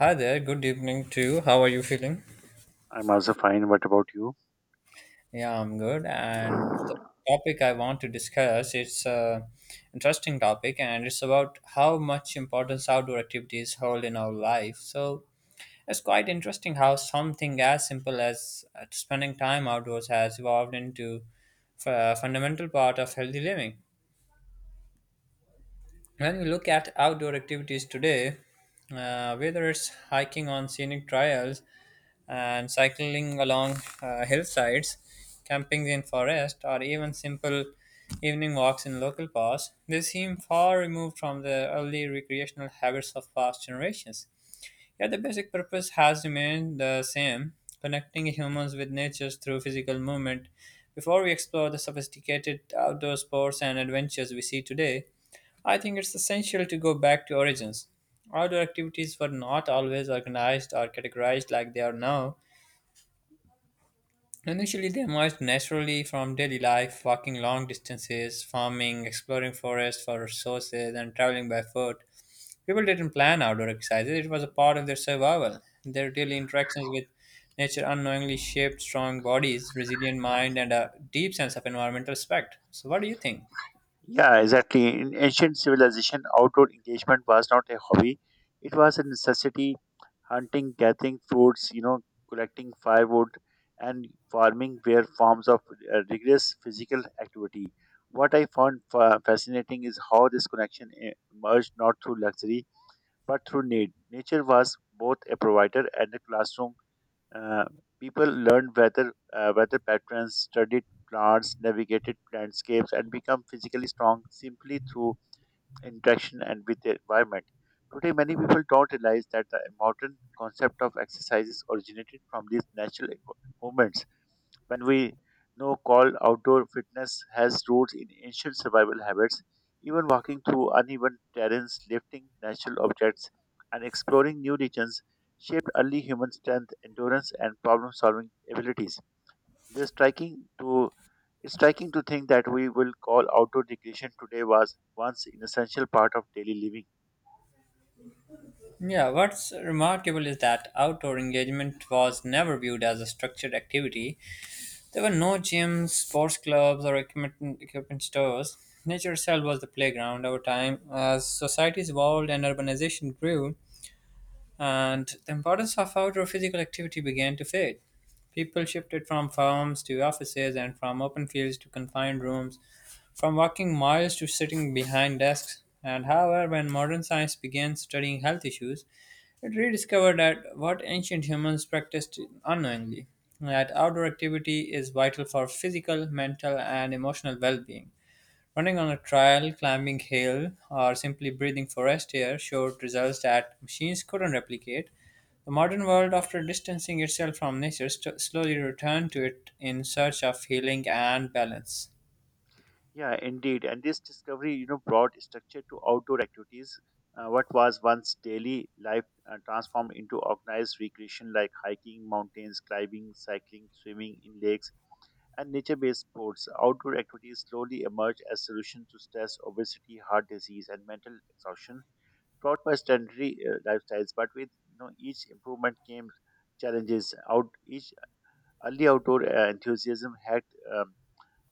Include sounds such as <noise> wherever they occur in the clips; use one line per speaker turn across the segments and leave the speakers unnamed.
Hi there, good evening too. How are you feeling?
I'm also fine. What about you?
Yeah, I'm good. And the topic I want to discuss, it's a interesting topic and it's about how much importance outdoor activities hold in our life. So it's quite interesting how something as simple as spending time outdoors has evolved into a fundamental part of healthy living. When we look at outdoor activities today, whether it's hiking on scenic trails, and cycling along hillsides, camping in forest, or even simple evening walks in local parks, they seem far removed from the early recreational habits of past generations. Yet the basic purpose has remained the same, connecting humans with nature through physical movement. Before we explore the sophisticated outdoor sports and adventures we see today, I think it's essential to go back to origins. Outdoor activities were not always organized or categorized like they are now. Initially, they emerged naturally from daily life, walking long distances, farming, exploring forests for resources, and traveling by foot. People didn't plan outdoor exercises, it was a part of their survival. Their daily interactions with nature unknowingly shaped strong bodies, resilient mind, and a deep sense of environmental respect. So, what do you think?
Yeah, exactly. In ancient civilization, outdoor engagement was not a hobby; it was a necessity. Hunting, gathering foods, collecting firewood, and farming were forms of rigorous physical activity. What I found fascinating is how this connection emerged not through luxury but through need. Nature was both a provider and a classroom. Uh, People learned weather patterns, studied plants, navigated landscapes, and become physically strong simply through interaction and with the environment. Today, many people don't realize that the modern concept of exercises originated from these natural movements when we know called outdoor fitness has roots in ancient survival habits, even walking through uneven terrains, lifting natural objects, and exploring new regions shaped early human strength, endurance, and problem-solving abilities. This striking to It's striking to think that we will call outdoor recreation today was once an essential part of daily living.
Yeah, what's remarkable is that outdoor engagement was never viewed as a structured activity. There were no gyms, sports clubs, or equipment stores. Nature itself was the playground. Over time, as societies evolved and urbanization grew, and the importance of outdoor physical activity began to fade. People shifted from farms to offices and from open fields to confined rooms, from walking miles to sitting behind desks. And however, when modern science began studying health issues, it rediscovered that what ancient humans practiced unknowingly: that outdoor activity is vital for physical, mental, and emotional well being. Running on a trail, climbing hill, or simply breathing forest air showed results that machines couldn't replicate. The modern world, after distancing itself from nature, slowly returned to it in search of healing and balance.
Yeah, indeed. And this discovery, brought structure to outdoor activities. What was once daily life transformed into organized recreation like hiking, mountains, climbing, cycling, swimming in lakes, and nature-based sports. Outdoor activities slowly emerged as solutions to stress, obesity, heart disease, and mental exhaustion brought by sedentary lifestyles. But with each improvement came challenges. Out each Early outdoor enthusiasm had um,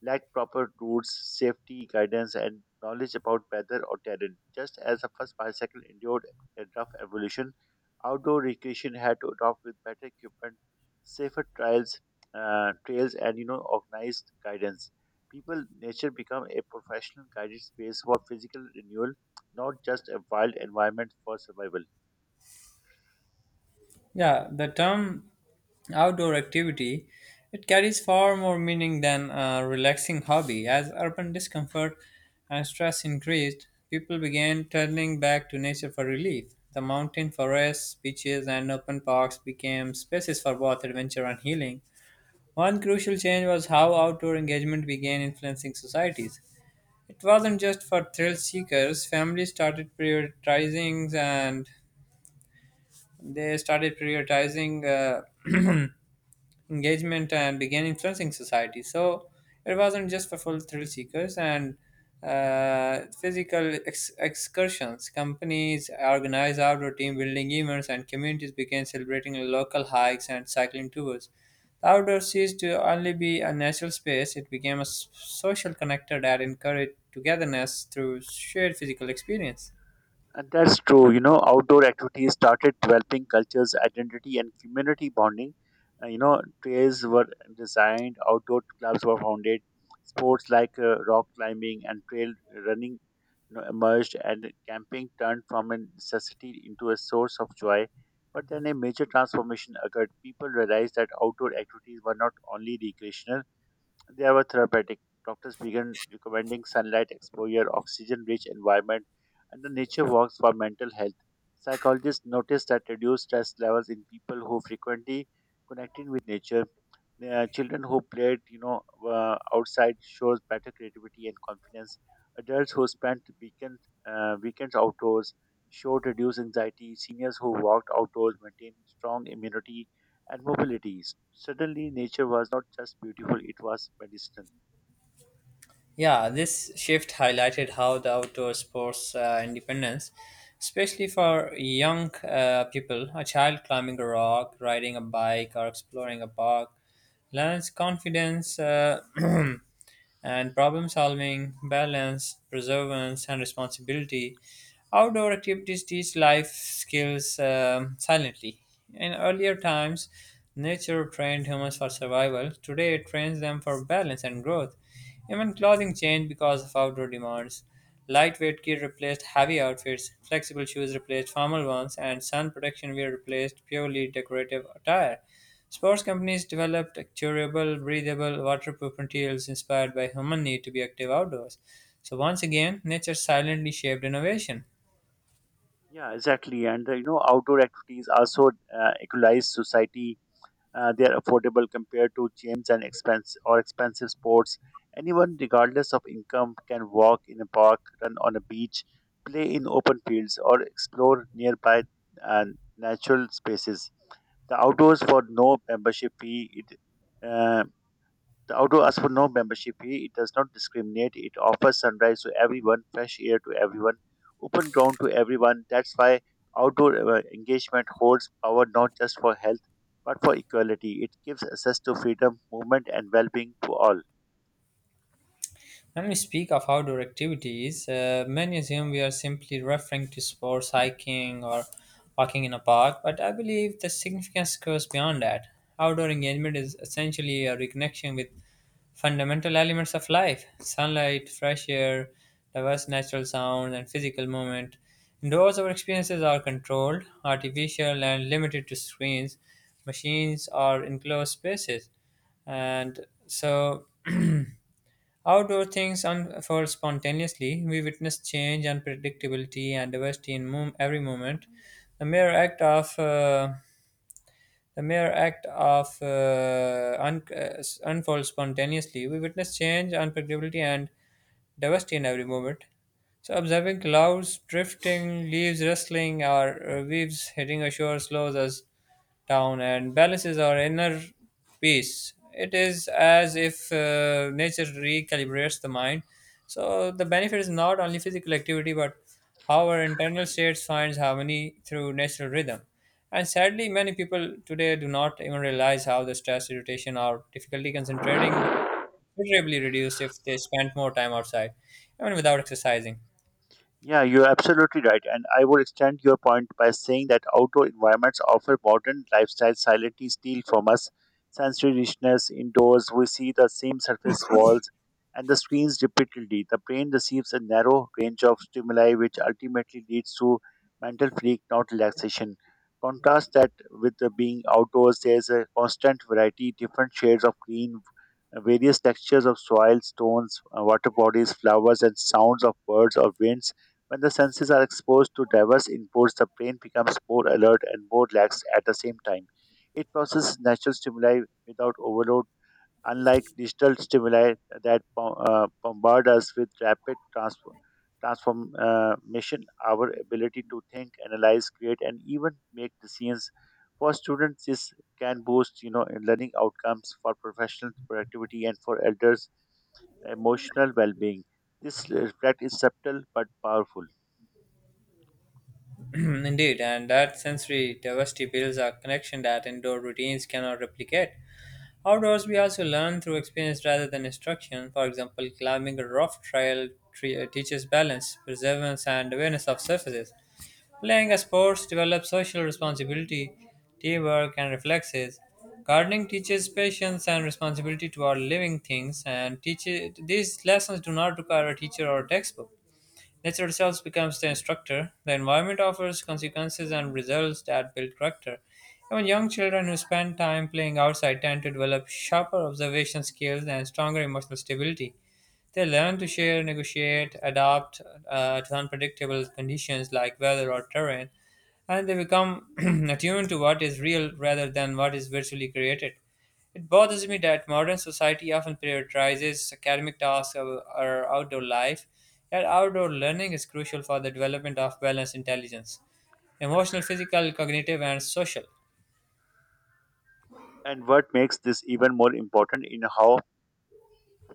lack proper routes, safety guidance, and knowledge about weather or terrain. Just as the first bicycle endured a rough evolution, outdoor recreation had to adopt with better equipment, safer trials, trails, and organized guidance. People, nature become a professional guided space for physical renewal, not just a wild environment for survival.
Yeah, the term outdoor activity, it carries far more meaning than a relaxing hobby. As urban discomfort and stress increased, people began turning back to nature for relief. The mountain forests, beaches, and open parks became spaces for both adventure and healing. One crucial change was how outdoor engagement began influencing societies. It wasn't just for thrill seekers, families started prioritizing they started prioritizing uh, <clears throat> engagement and began influencing society. So it wasn't just for full thrill seekers and physical excursions. Companies organized outdoor team building events, and communities began celebrating local hikes and cycling tours. The outdoors ceased to only be a natural space, it became a social connector that encouraged togetherness through shared physical experience.
And that's true. Outdoor activities started developing cultures, identity, and community bonding. Trails were designed, outdoor clubs were founded, sports like rock climbing and trail running emerged, and camping turned from a necessity into a source of joy. But then a major transformation occurred. People realized that outdoor activities were not only recreational, they were therapeutic. Doctors began recommending sunlight exposure, oxygen rich environment, and the nature walks for mental health. Psychologists noticed that reduced stress levels in people who frequently connected with nature, children who played outside shows better creativity and confidence, adults who spent weekends outdoors showed reduced anxiety, seniors who walked outdoors maintained strong immunity and mobilities. Suddenly nature was not just beautiful, it was medicinal.
Yeah, this shift highlighted how the outdoor sports independence, especially for young people, a child climbing a rock, riding a bike, or exploring a park, learns confidence, <clears throat> and problem solving, balance, perseverance, and responsibility. Outdoor activities teach life skills silently. In earlier times, nature trained humans for survival. Today, it trains them for balance and growth. Even clothing changed because of outdoor demands. Lightweight gear replaced heavy outfits, flexible shoes replaced formal ones, and sun protection wear replaced purely decorative attire. Sports companies developed durable, breathable, waterproof materials inspired by human need to be active outdoors. So once again, nature silently shaped innovation.
Yeah, exactly. And outdoor activities also equalize society. They are affordable compared to gyms and expense or expensive sports. Anyone, regardless of income, can walk in a park, run on a beach, play in open fields, or explore nearby uh, natural spaces. The outdoors for no membership fee. It uh, the outdoor asks for no membership fee. It does not discriminate. It offers sunrise to everyone, fresh air to everyone, open ground to everyone. That's why outdoor engagement holds power not just for health, but for equality. It gives access to freedom, movement, and well being to all.
When we speak of outdoor activities, many assume we are simply referring to sports, hiking, or walking in a park, but I believe the significance goes beyond that. Outdoor engagement is essentially a reconnection with fundamental elements of life: sunlight, fresh air, diverse natural sounds, and physical movement. Indoors, our experiences are controlled, artificial, and limited to screens, machines, or enclosed spaces. And so, <clears throat> outdoor things unfold spontaneously. We witness change, unpredictability, and diversity in every moment. The mere act of uh, the mere act of unfolds spontaneously. We witness change, unpredictability, and diversity in every movement. So observing clouds drifting, leaves rustling, or waves hitting a shore slows us down and balances our inner peace. It is as if nature recalibrates the mind. So the benefit is not only physical activity, but how our internal states finds harmony through natural rhythm. And sadly, many people today do not even realize how the stress, irritation, or difficulty concentrating considerably reduced if they spent more time outside, even without exercising.
Yeah, you're absolutely right. And I would extend your point by saying that outdoor environments offer modern lifestyle silently steal from us sensory richness indoors. We see the same surface walls and the screens repeatedly. The brain receives a narrow range of stimuli, which ultimately leads to mental fatigue, not relaxation. Contrast that with the being outdoors, there's a constant variety, different shades of green, various textures of soil, stones, water bodies, flowers, and sounds of birds or winds. When the senses are exposed to diverse inputs, the brain becomes more alert and more relaxed at the same time. It processes natural stimuli without overload, unlike digital stimuli that bombard us with rapid transfer. Transformation, our ability to think, analyze, create, and even make decisions. For students, this can boost, learning outcomes for professional productivity, and for elders, emotional well-being. This effect is subtle but powerful.
<clears throat> Indeed, and that sensory diversity builds a connection that indoor routines cannot replicate. Outdoors, we also learn through experience rather than instruction. For example, climbing a rough trail teaches balance, perseverance, and awareness of surfaces. Playing a sport develops social responsibility, teamwork, and reflexes. Gardening teaches patience and responsibility toward living things, and teaches, these lessons do not require a teacher or a textbook. Nature itself becomes the instructor. The environment offers consequences and results that build character. Even young children who spend time playing outside tend to develop sharper observation skills and stronger emotional stability. They learn to share, negotiate, adapt to unpredictable conditions like weather or terrain, and they become <clears throat> attuned to what is real rather than what is virtually created. It bothers me that modern society often prioritizes academic tasks or outdoor life, yet outdoor learning is crucial for the development of balanced intelligence, emotional, physical, cognitive, and social.
And what makes this even more important in how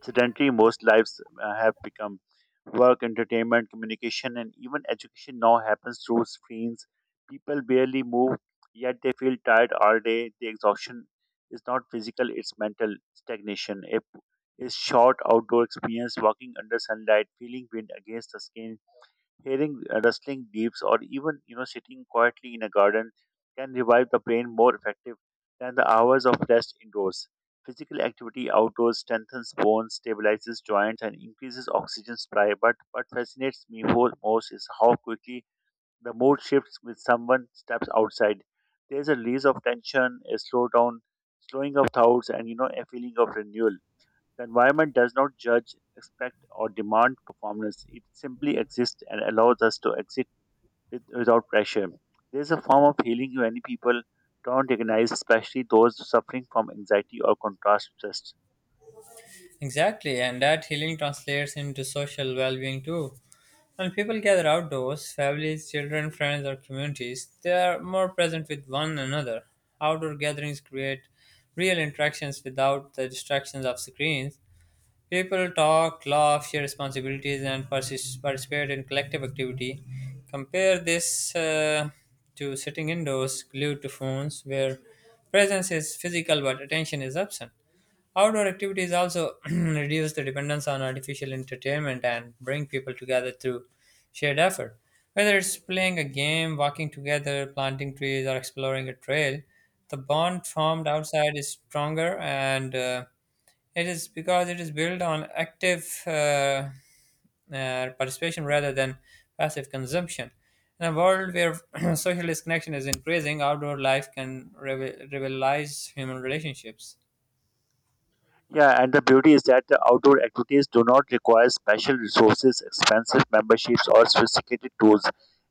sedentary most lives have become. Work, entertainment, communication, and even education now happens through screens. People barely move, yet they feel tired all day. The exhaustion is not physical, it's mental stagnation. A short outdoor experience, walking under sunlight, feeling wind against the skin, hearing rustling leaves, or even sitting quietly in a garden can revive the brain more effective than the hours of rest indoors. Physical activity outdoors strengthens bones, stabilizes joints, and increases oxygen supply. But what fascinates me whole most is how quickly the mood shifts when someone steps outside. There's a release of tension, a slowdown, slowing of thoughts, and a feeling of renewal. The environment does not judge, expect, or demand performance. It simply exists and allows us to exit without pressure. There is a form of healing many people don't recognize, especially those suffering from anxiety or contrast stress.
Exactly, and that healing translates into social well being too. When people gather outdoors, families, children, friends, or communities, they are more present with one another. Outdoor gatherings create real interactions without the distractions of screens. People talk, laugh, share responsibilities, and participate in collective activity. Compare this to sitting indoors, glued to phones, where presence is physical but attention is absent. Outdoor activities also <clears throat> reduce the dependence on artificial entertainment and bring people together through shared effort. Whether it's playing a game, walking together, planting trees, or exploring a trail, the bond formed outside is stronger, and it is because it is built on active participation rather than passive consumption. In a world where <clears throat> social disconnection is increasing, outdoor life can revitalize human relationships.
Yeah, and the beauty is that the outdoor activities do not require special resources, expensive memberships, or sophisticated tools.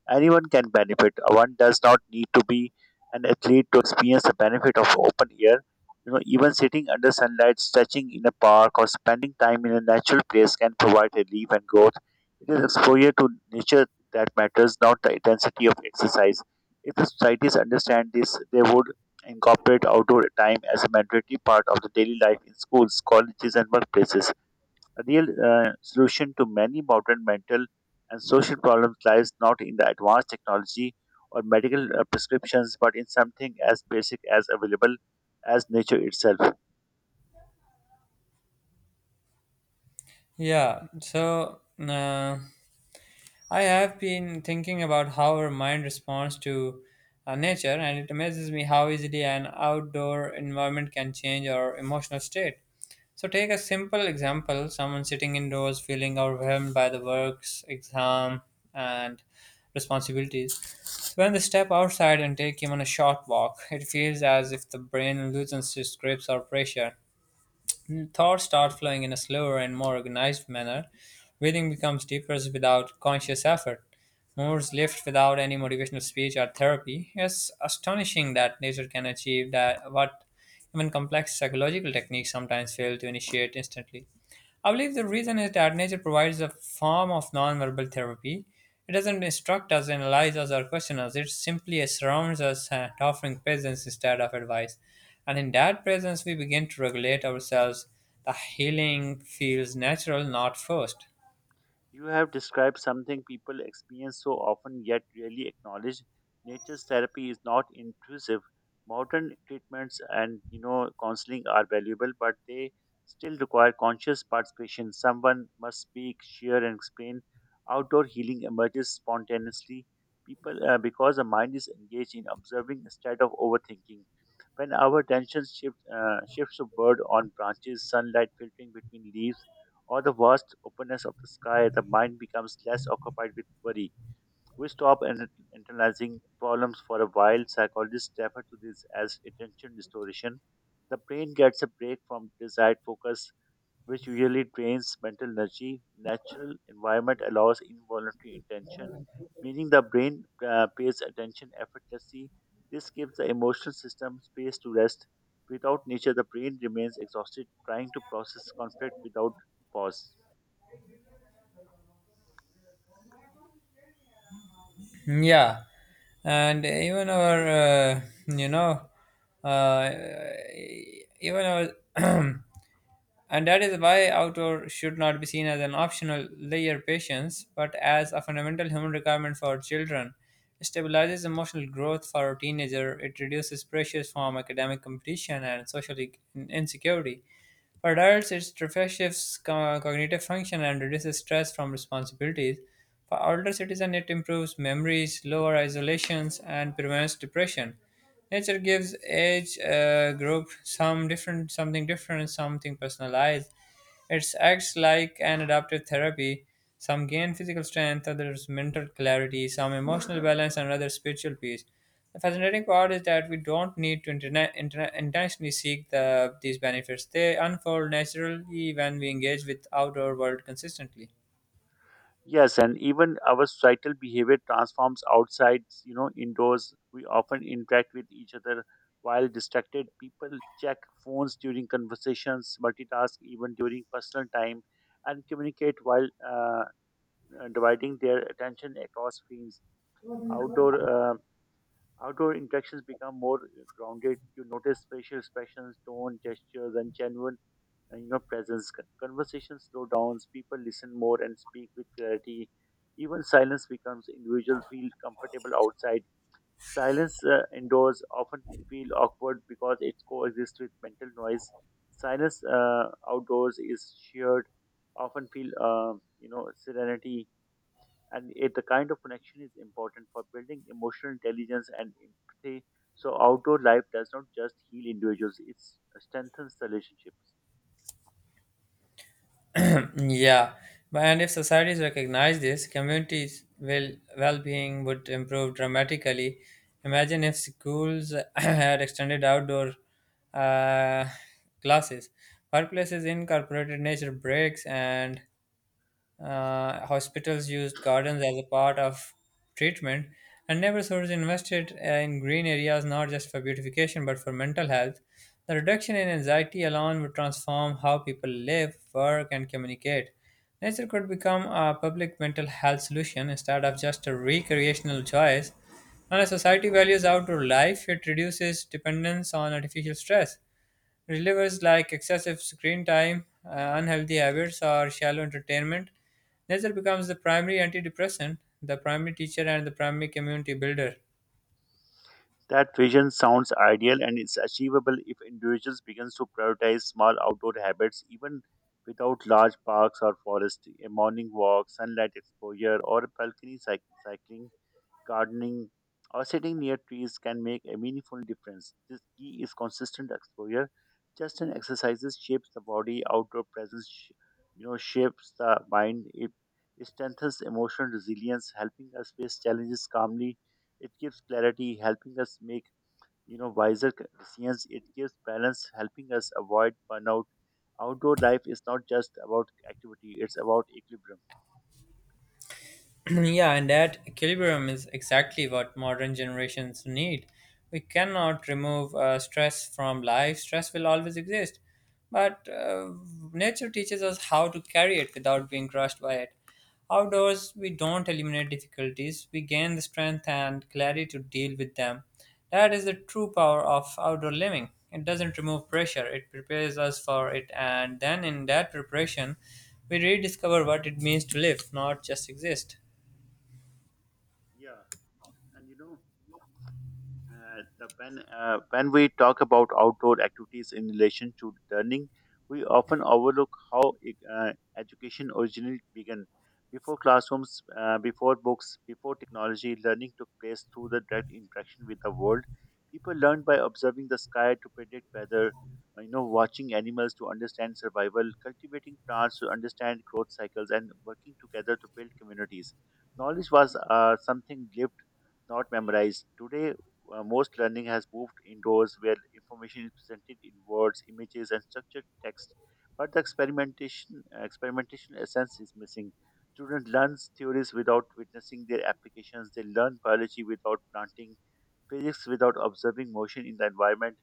Anyone can benefit. One does not need to be an athlete to experience the benefit of open air. You know, even sitting under sunlight, stretching in a park, or spending time in a natural place can provide relief and growth. It is exposure to nature that matters, not the intensity of exercise. If the societies understand this, they would incorporate outdoor time as a mandatory part of the daily life in schools, colleges, and workplaces. A real solution to many modern mental and social problems lies not in the advanced technology or medical prescriptions, but in something as basic as available as nature itself.
Yeah, so, I have been thinking about how our mind responds to nature, and it amazes me how easily an outdoor environment can change our emotional state. So, take a simple example: someone sitting indoors feeling overwhelmed by the works, exam, and responsibilities. So, when they step outside and take even a short walk, it feels as if the brain loosens its grips or pressure. Thoughts start flowing in a slower and more organized manner. Breathing becomes deeper without conscious effort. Moods lift without any motivational speech or therapy. It's astonishing that nature can achieve that what even complex psychological techniques sometimes fail to initiate instantly. I believe the reason is that nature provides a form of nonverbal therapy. It doesn't instruct us, analyze us, or question us. It simply surrounds us, offering presence instead of advice. And in that presence, we begin to regulate ourselves. The healing feels natural, not forced.
You have described something people experience so often yet rarely acknowledge. Nature's therapy is not intrusive. Modern treatments and counseling are valuable, but they still require conscious participation. Someone must speak, share, and explain. Outdoor healing emerges spontaneously. People Because the mind is engaged in observing instead of overthinking. When our shifts to bird on branches, sunlight filtering between leaves, or the vast openness of the sky, the mind becomes less occupied with worry. We stop internalizing problems for a while. Psychologists refer to this as attention distortion. The brain gets a break from desired focus, which usually drains mental energy. Natural environment allows involuntary intention, meaning the brain pays attention effortlessly. This gives the emotional system space to rest. Without nature, the brain remains exhausted, trying to process conflict without pause.
Yeah, and even our, uh, you know, uh, even our <clears throat> and that is why outdoor should not be seen as an optional layer patience, but as a fundamental human requirement for children. It stabilizes emotional growth for a teenager, it reduces pressures from academic competition and social insecurity. For adults, it refreshes cognitive function and reduces stress from responsibilities. For older citizens, it improves memories, lower isolations, and prevents depression. Nature gives each group something different, something personalized. It acts like an adaptive therapy. Some gain physical strength, others mental clarity, some emotional balance, and others spiritual peace. The fascinating part is that we don't need to intentionally seek these benefits. They unfold naturally when we engage with outdoor world consistently.
Yes, and even our societal behavior transforms outside, indoors. We often interact with each other while distracted. People check phones during conversations, multitask even during personal time, and communicate while dividing their attention across screens. Outdoor uh, Outdoor interactions become more grounded. You notice facial expressions, tone, gestures, and genuine and presence. Conversations slow downs. People listen more and speak with clarity, even silence becomes individuals feel comfortable outside. Silence indoors often feel awkward because it coexists with mental noise. Silence outdoors is shared, often feel serenity, and the kind of connection is important for building emotional intelligence and empathy. So outdoor life does not just heal individuals, it strengthens the relationships.
<clears throat> Yeah, and if societies recognize this, communities' will well-being would improve dramatically. Imagine if schools <clears throat> had extended outdoor uh, classes, workplaces incorporated nature breaks, and hospitals used gardens as a part of treatment, and neighborhoods invested, in green areas not just for beautification but for mental health. The reduction in anxiety alone would transform how people live, work, and communicate. Nature could become a public mental health solution instead of just a recreational choice. When a society values outdoor life, it reduces dependence on artificial stress relievers like excessive screen time, unhealthy habits, or shallow entertainment. Nature becomes the primary antidepressant, the primary teacher, and the primary community builder.
That vision sounds ideal and is achievable if individuals begin to prioritize small outdoor habits, even without large parks or forests. A morning walk, sunlight exposure, or balcony cycling, gardening, or sitting near trees can make a meaningful difference. This key is consistent exposure. Just an exercises shapes the body, outdoor presence, shapes the mind. It strengthens emotional resilience, helping us face challenges calmly. It gives clarity, helping us make wiser decisions. It gives balance, helping us avoid burnout. Outdoor life is not just about activity; it's about equilibrium.
<clears throat> Yeah, and that equilibrium is exactly what modern generations need. We cannot remove stress from life, stress will always exist. But nature teaches us how to carry it without being crushed by it. Outdoors, we don't eliminate difficulties, we gain the strength and clarity to deal with them. That is the true power of outdoor living. It doesn't remove pressure, it prepares us for it, and then in that preparation, we rediscover what it means to live, not just exist.
Yeah, and you know the, when we talk about outdoor activities in relation to learning, we often overlook how education originally began. Before classrooms, before books, before technology, learning took place through the direct interaction with the world. People learned by observing the sky to predict weather, watching animals to understand survival, cultivating plants to understand growth cycles, and working together to build communities. Knowledge was something lived, not memorized. Today, most learning has moved indoors where information is presented in words, images, and structured text. But the experimentation essence is missing. Students learn theories without witnessing their applications. They learn biology without planting, physics without observing motion in the environment,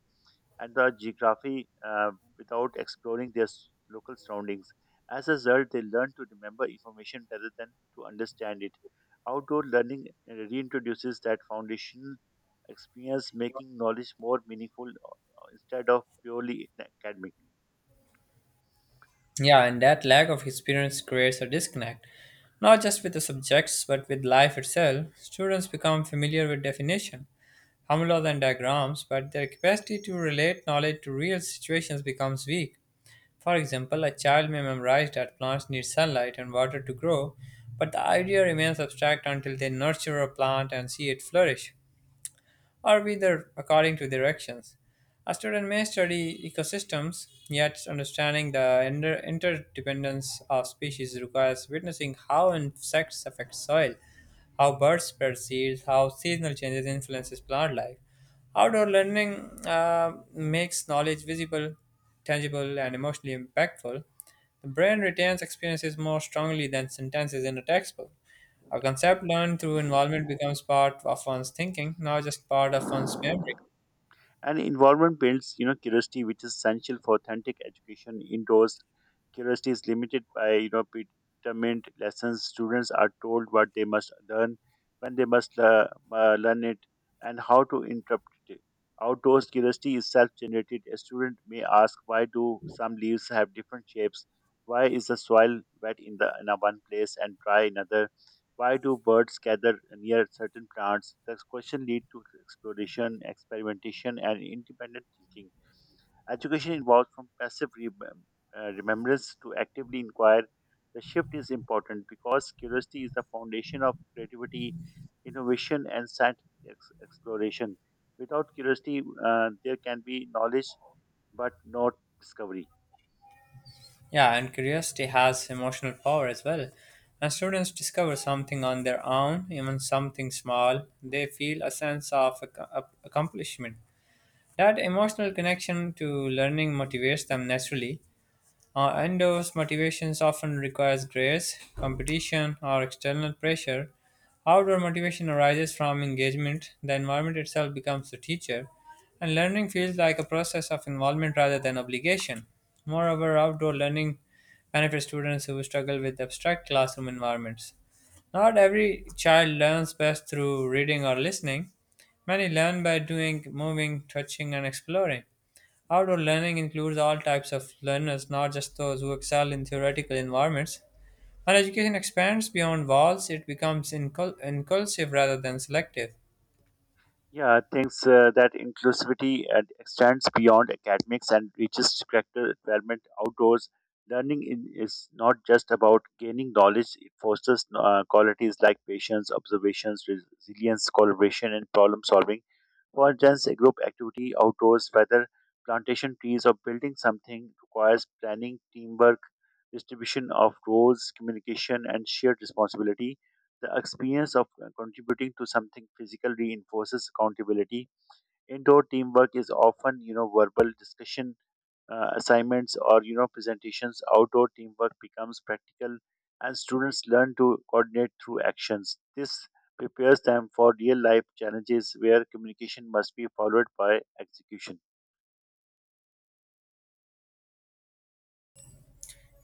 and the geography without exploring their local surroundings. As a result, they learn to remember information rather than to understand it. Outdoor learning reintroduces that foundational experience, making knowledge more meaningful instead of purely academic.
Yeah, and that lack of experience creates a disconnect, not just with the subjects but with life itself. Students become familiar with definition, formulas, and diagrams, but their capacity to relate knowledge to real situations becomes weak. For example, a child may memorize that plants need sunlight and water to grow, but the idea remains abstract until they nurture a plant and see it flourish or whether according to directions. A student may study ecosystems, yet understanding the interdependence of species requires witnessing how insects affect soil, how birds spread seeds, how seasonal changes influences plant life. Outdoor learning makes knowledge visible, tangible, and emotionally impactful. The brain retains experiences more strongly than sentences in a textbook. A concept learned through involvement becomes part of one's thinking, not just part of one's memory.
And involvement builds, curiosity, which is essential for authentic education indoors. Curiosity is limited by, predetermined lessons. Students are told what they must learn, when they must learn it, and how to interpret it. Outdoors curiosity is self-generated. A student may ask, why do some leaves have different shapes? Why is the soil wet in the in a one place and dry in another? Why do birds gather near certain plants? This question leads to exploration, experimentation, and independent thinking. Education involves from passive remembrance to actively inquire. The shift is important because curiosity is the foundation of creativity, innovation, and scientific exploration. Without curiosity, there can be knowledge but not discovery.
Yeah, and curiosity has emotional power as well. When students discover something on their own, even something small, they feel a sense of accomplishment. That emotional connection to learning motivates them naturally. Indoors, motivations often requires grades, competition, or external pressure. Outdoor motivation arises from engagement. The environment itself becomes the teacher, and learning feels like a process of involvement rather than obligation. Moreover, outdoor learning benefits students who struggle with abstract classroom environments. Not every child learns best through reading or listening. Many learn by doing, moving, touching, and exploring. Outdoor learning includes all types of learners, not just those who excel in theoretical environments. When education expands beyond walls, it becomes inclusive rather than selective.
Yeah, thanks. That inclusivity and extends beyond academics and reaches character development outdoors. Learning in, is not just about gaining knowledge; it fosters qualities like patience, observations, resilience, collaboration, and problem solving. For instance, a group activity outdoors, whether plantation trees or building something, requires planning, teamwork, distribution of roles, communication, and shared responsibility, the experience of contributing to something physical reinforces accountability. Indoor teamwork is often, verbal discussion, assignments, or presentations. Outdoor teamwork becomes practical, and students learn to coordinate through actions. This prepares them for real life challenges where communication must be followed by execution.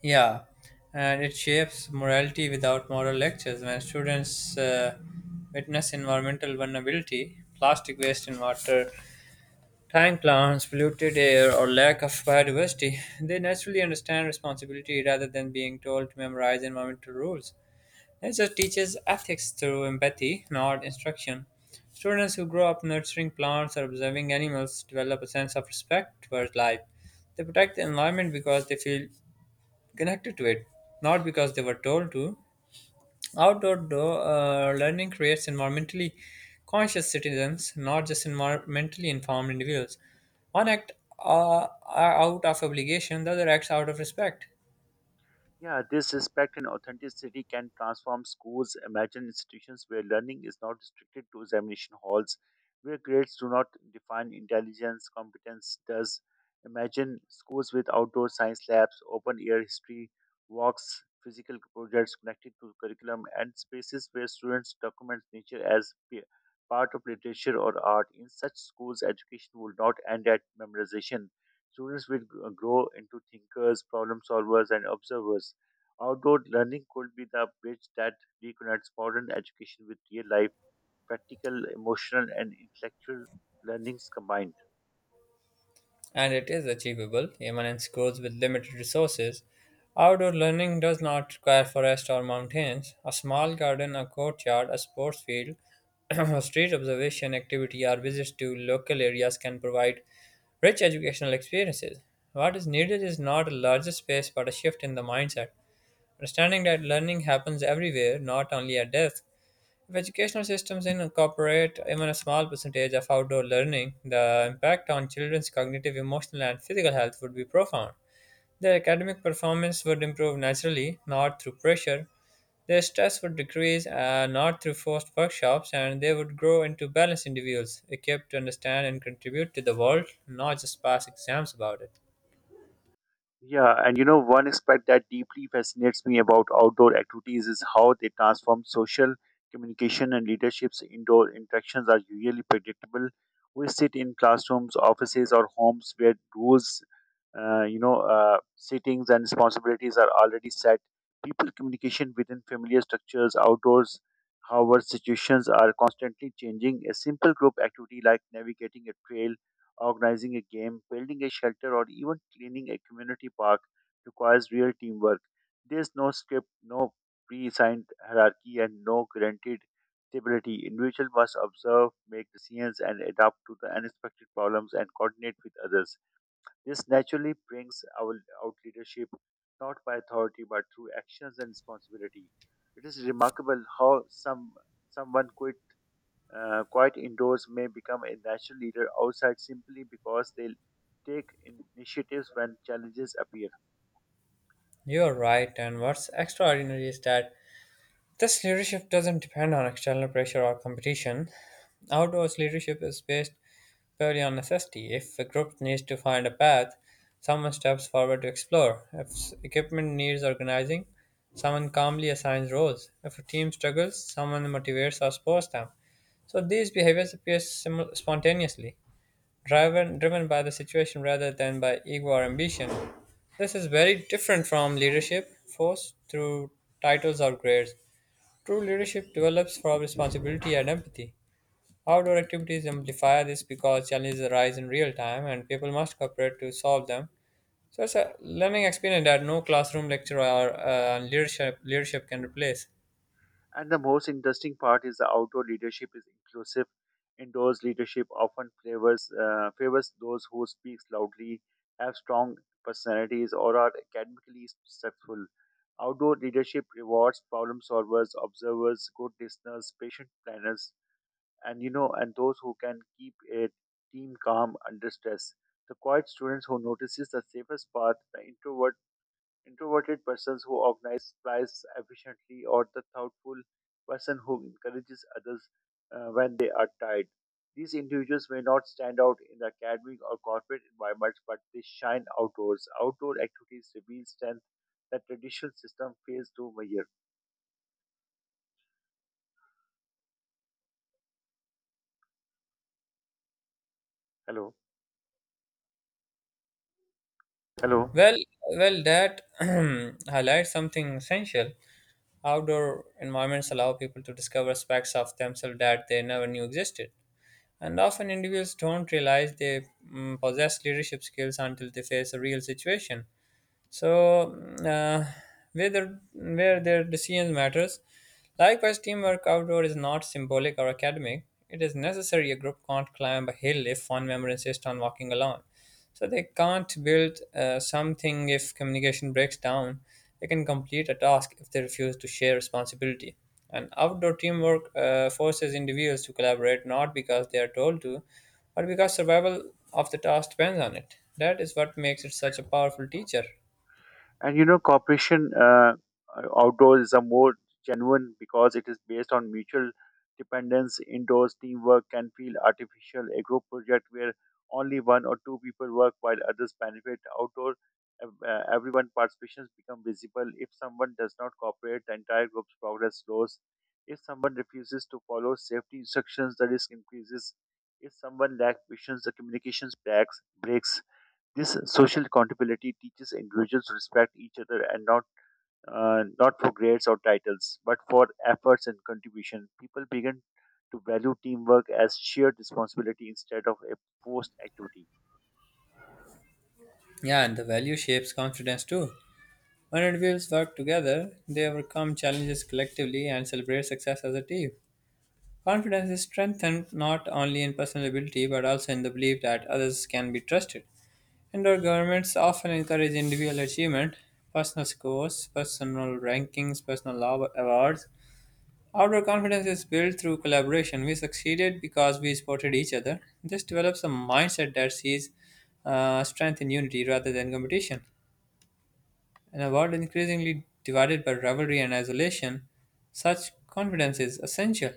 Yeah, and it shapes morality without moral lectures. When students witness environmental vulnerability, plastic waste in water, dying plants, polluted air, or lack of biodiversity, they naturally understand responsibility rather than being told to memorize environmental rules. Nature teaches ethics through empathy, not instruction. Students who grow up nurturing plants or observing animals develop a sense of respect towards life. They protect the environment because they feel connected to it, not because they were told to. Outdoor learning creates environmentally conscious citizens, not just environmentally informed individuals. One act uh, out of obligation, the other acts out of respect.
Yeah, this respect and authenticity can transform schools. Imagine institutions where learning is not restricted to examination halls, where grades do not define intelligence, competence does. Imagine schools with outdoor science labs, open air history walks, physical projects connected to curriculum, and spaces where students document nature as part of literature or art. In such schools, education will not end at memorization. Students will grow into thinkers, problem solvers, and observers. Outdoor learning could be the bridge that reconnects modern education with real life, practical, emotional, and intellectual learnings combined.
And it is achievable even in schools with limited resources. Outdoor learning does not require forests or mountains. A small garden, a courtyard, a sports field, <clears throat> or street observation activity or visits to local areas can provide rich educational experiences. What is needed is not a larger space but a shift in the mindset. Understanding that learning happens everywhere, not only at desks, if educational systems incorporate even a small percentage of outdoor learning, the impact on children's cognitive, emotional, and physical health would be profound. Their academic performance would improve naturally, not through pressure. Their stress would decrease, not through forced workshops, and they would grow into balanced individuals, equipped to understand and contribute to the world, not just pass exams about it.
Yeah, and one aspect that deeply fascinates me about outdoor activities is how they transform social communication and leaderships. Indoor interactions are usually predictable. We sit in classrooms, offices, or homes where rules settings and responsibilities are already set, people communication within familiar structures. Outdoors, however, situations are constantly changing. A simple group activity like navigating a trail, organizing a game, building a shelter, or even cleaning a community park requires real teamwork. There's no script, no pre-assigned hierarchy, and no guaranteed stability. Individual must observe, make decisions, and adapt to the unexpected problems and coordinate with others. This naturally brings out leadership, not by authority but through actions and responsibility. It is remarkable how someone quite indoors may become a natural leader outside simply because they take initiatives when challenges appear.
You're right, and what's extraordinary is that this leadership doesn't depend on external pressure or competition. Outdoors leadership is based purely on necessity. If a group needs to find a path, someone steps forward to explore. If equipment needs organizing, someone calmly assigns roles. If a team struggles, someone motivates or supports them. So these behaviors appear simul spontaneously, driven by the situation rather than by ego or ambition. This is very different from leadership forced through titles or grades. True leadership develops from responsibility and empathy. Outdoor activities amplify this because challenges arise in real time and people must cooperate to solve them. So it's a learning experience that no classroom lecture or leadership can replace.
And the most interesting part is the outdoor leadership is inclusive. Indoors leadership often favors those who speak loudly, have strong personalities, or are academically successful. Outdoor leadership rewards problem solvers, observers, good listeners, patient planners, and and those who can keep a team calm under stress. The quiet students who notices the safest path, the introverted persons who organize supplies efficiently, or the thoughtful person who encourages others when they are tired. These individuals may not stand out in the academic or corporate environments, but they shine outdoors. Outdoor activities reveal strength that traditional system fails to measure. Hello. Hello.
Well, well, that <clears throat> highlights something essential. Outdoor environments allow people to discover aspects of themselves that they never knew existed, and often individuals don't realize they possess leadership skills until they face a real situation. So uh, where their decision matters. Likewise, teamwork outdoor is not symbolic or academic. It is necessary. A group can't climb a hill if one member insists on walking alone. So they can't build something if communication breaks down. They can complete a task if they refuse to share responsibility. And outdoor teamwork forces individuals to collaborate not because they are told to, but because survival of the task depends on it. That is what makes it such a powerful teacher.
And cooperation outdoors is a more genuine because it is based on mutual dependence. Indoors, teamwork can feel artificial. A group project where only one or two people work while others benefit. Outdoor, everyone participations become visible. If someone does not cooperate, the entire group's progress slows. If someone refuses to follow safety instructions, the risk increases. If someone lacks patience, the communications breaks. Breaks. This social accountability teaches individuals to respect each other and not for grades or titles, but for efforts and contribution. People begin to value teamwork as shared responsibility instead of a forced activity.
Yeah, and the value shapes confidence too. When individuals work together, they overcome challenges collectively and celebrate success as a team. Confidence is strengthened not only in personal ability but also in the belief that others can be trusted. Indoor governments often encourage individual achievement, personal scores, personal rankings, personal awards. Outdoor confidence is built through collaboration. We succeeded because we supported each other. This develops a mindset that sees strength in unity rather than competition. In a world increasingly divided by rivalry and isolation, such confidence is essential.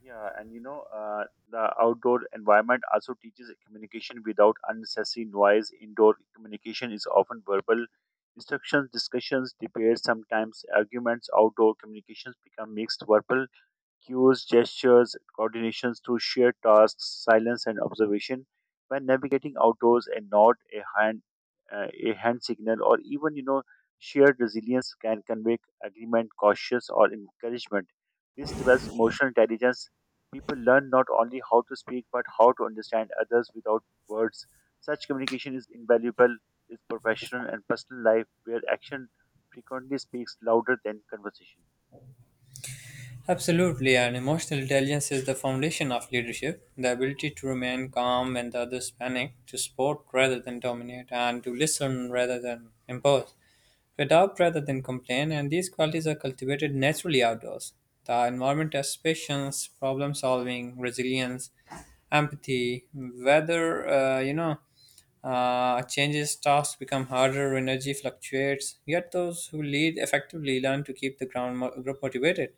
Yeah, and the outdoor environment also teaches communication without unnecessary noise. Indoor communication is often verbal instructions, discussions, debates, sometimes arguments. Outdoor communications become mixed verbal cues, gestures, coordinations through shared tasks, silence, and observation. When navigating outdoors, a nod, a hand signal, or even shared resilience can convey agreement, cautious, or encouragement. This develops emotional intelligence. People learn not only how to speak but how to understand others without words. Such communication is invaluable in professional and personal life, where action frequently speaks louder than conversation.
Absolutely, and emotional intelligence is the foundation of leadership. The ability to remain calm when the others panic, to support rather than dominate, and to listen rather than impose, to adapt rather than complain, and these qualities are cultivated naturally outdoors. The environment has patience, problem solving, resilience, empathy, whether, changes tasks become harder, energy fluctuates. Yet those who lead effectively learn to keep the group motivated.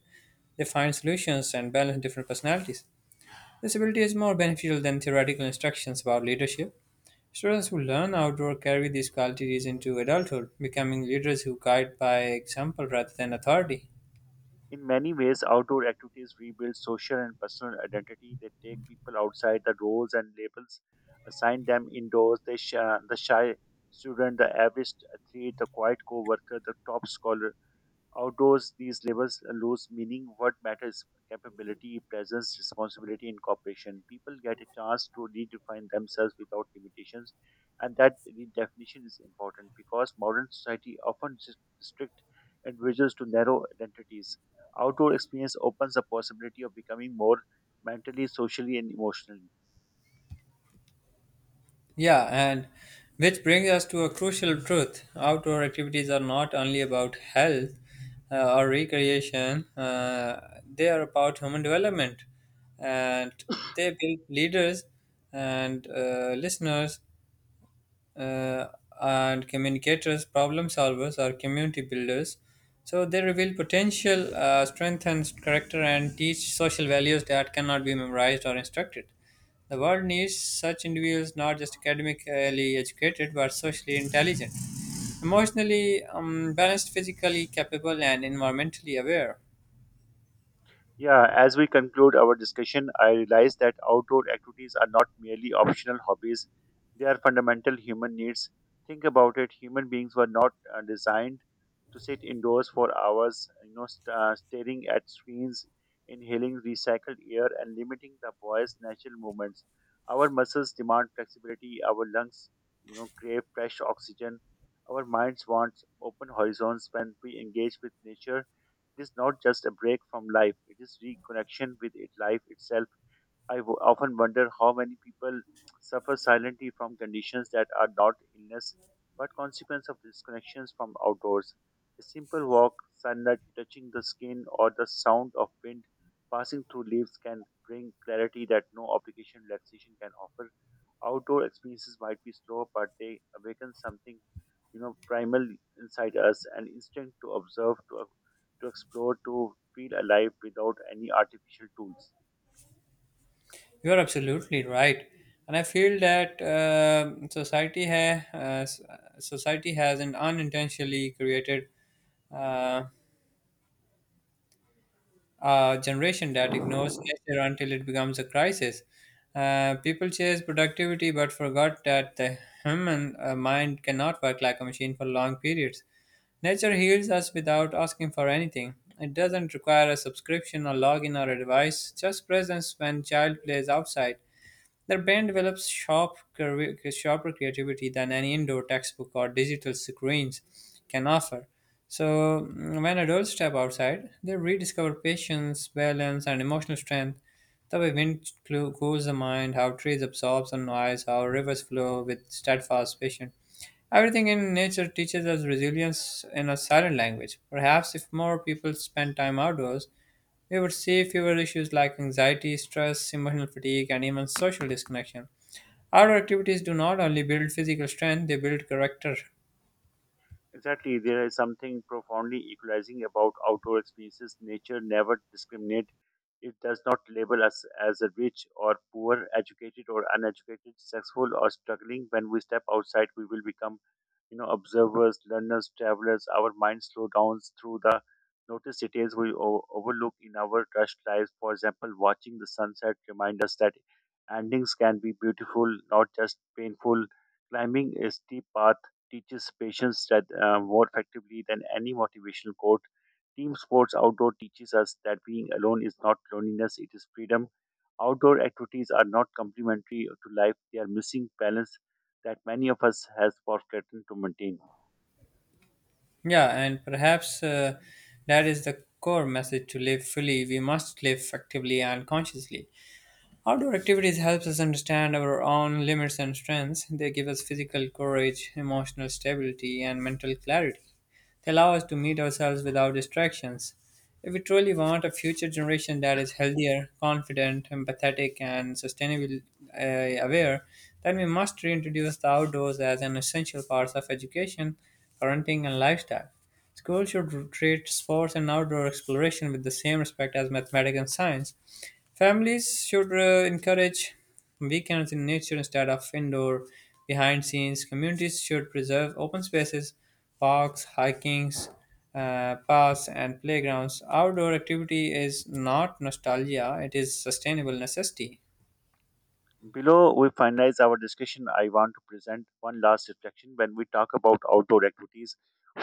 They find solutions and balance different personalities. This ability is more beneficial than theoretical instructions about leadership. Students who learn outdoor carry these qualities into adulthood, becoming leaders who guide by example rather than authority.
In many ways, outdoor activities rebuild social and personal identity. They take people outside the roles and labels, assign them indoors. The shy student, the average athlete, the quiet co worker, the top scholar. Outdoors, these labels lose meaning. What matters, capability, presence, responsibility, and cooperation. People get a chance to redefine themselves without limitations, and that redefinition is important because modern society often restrict individuals to narrow identities. Outdoor experience opens the possibility of becoming more mentally, socially, and emotionally.
Yeah, and which brings us to a crucial truth. Outdoor activities are not only about health or recreation, they are about human development. And they build leaders and listeners uh, and communicators, problem solvers, or community builders. So they reveal potential, strengthens character, and teach social values that cannot be memorized or instructed. The world needs such individuals, not just academically educated, but socially intelligent, emotionally balanced, physically capable, and environmentally aware.
Yeah, as we conclude our discussion, I realize that outdoor activities are not merely optional hobbies, they are fundamental human needs. Think about it, human beings were not designed to sit indoors for hours, staring at screens, inhaling recycled air, and limiting the body's natural movements. Our muscles demand flexibility, our lungs, crave fresh oxygen, our minds want open horizons. When we engage with nature, it is not just a break from life, it is reconnection with it, life itself. I often wonder how many people suffer silently from conditions that are not illness but consequence of disconnections from outdoors. A simple walk, sunlight touching the skin, or the sound of wind passing through leaves can bring clarity that no obligation relaxation can offer. Outdoor experiences might be slow, but they awaken something, primal inside us, an instinct to observe, to explore, to feel alive without any artificial tools.
You're absolutely right, and I feel that society has an unintentionally created uh, a generation that ignores nature until it becomes a crisis. People chase productivity but forgot that the human mind cannot work like a machine for long periods. Nature heals us without asking for anything. It doesn't require a subscription or login or a device, just presence when child plays outside their brain develops sharper creativity than any indoor textbook or digital screens can offer. So, when adults step outside, they rediscover patience, balance, and emotional strength. The way wind cools the mind, how trees absorb the noise, how rivers flow with steadfast patience. Everything in nature teaches us resilience in a silent language. Perhaps if more people spent time outdoors, we would see fewer issues like anxiety, stress, emotional fatigue, and even social disconnection. Outdoor activities do not only build physical strength, they build character.
Exactly, there is something profoundly equalizing about outdoor experiences. Nature never discriminates. It does not label us as a rich or poor, educated or uneducated, successful or struggling. When we step outside, we will become, observers, learners, travelers, our minds slow down through the notice details we overlook in our rushed lives. For example, watching the sunset remind us that endings can be beautiful, not just painful. Climbing a steep path teaches patience that more effectively than any motivational quote. Team sports outdoor teaches us that being alone is not loneliness; it is freedom. Outdoor activities are not complementary to life; they are missing balance that many of us has forgotten to maintain.
Yeah, and perhaps that is the core message to live fully. We must live actively and consciously. Outdoor activities helps us understand our own limits and strengths. They give us physical courage, emotional stability, and mental clarity. They allow us to meet ourselves without distractions. If we truly want a future generation that is healthier, confident, empathetic, and sustainably aware, then we must reintroduce the outdoors as an essential part of education, parenting, and lifestyle. Schools should treat sports and outdoor exploration with the same respect as mathematics and science. Families should encourage weekends in nature instead of indoor, behind scenes. Communities should preserve open spaces, parks, hikings, paths, and playgrounds. Outdoor activity is not nostalgia, it is sustainable necessity.
Below we finalize our discussion, I want to present one last reflection. When we talk about outdoor activities,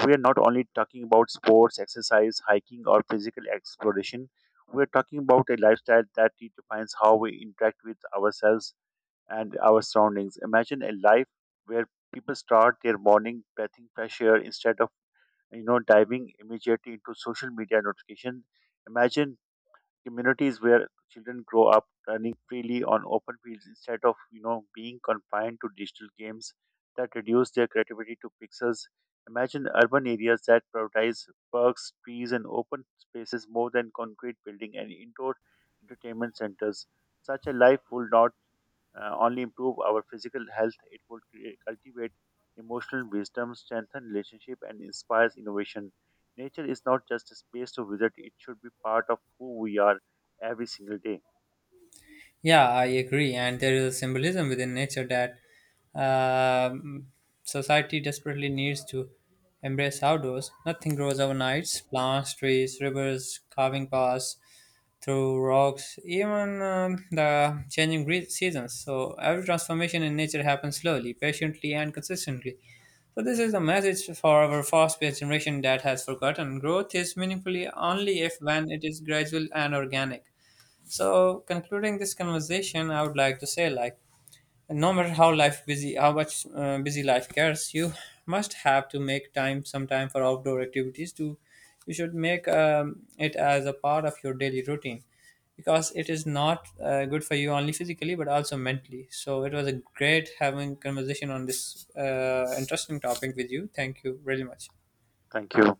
we are not only talking about sports, exercise, hiking, or physical exploration. We are talking about a lifestyle that redefines how we interact with ourselves and our surroundings. Imagine a life where people start their morning breathing fresh air instead of diving immediately into social media notification. Imagine communities where children grow up running freely on open fields instead of being confined to digital games that reduce their creativity to pixels. Imagine urban areas that prioritize parks, trees, and open spaces more than concrete building and indoor entertainment centers. Such a life will not only improve our physical health, it would cultivate emotional wisdom, strengthen relationship, and inspires innovation. Nature is not just a space to visit; it should be part of who we are every single day.
Yeah, I agree. And there is a symbolism within nature that um society desperately needs to embrace outdoors. Nothing grows overnight. Plants, trees, rivers, carving paths through rocks, even the changing seasons. So every transformation in nature happens slowly, patiently, and consistently. So this is a message for our fast-paced generation that has forgotten growth is meaningfully only if when it is gradual and organic. So, concluding this conversation, I would like to say, like, no matter how life busy, how much busy life gets, you must have to make time, some time for outdoor activities. To you should make it as a part of your daily routine, because it is not good for you only physically but also mentally. So, it was a great having conversation on this interesting topic with you. Thank you very much.
Thank you.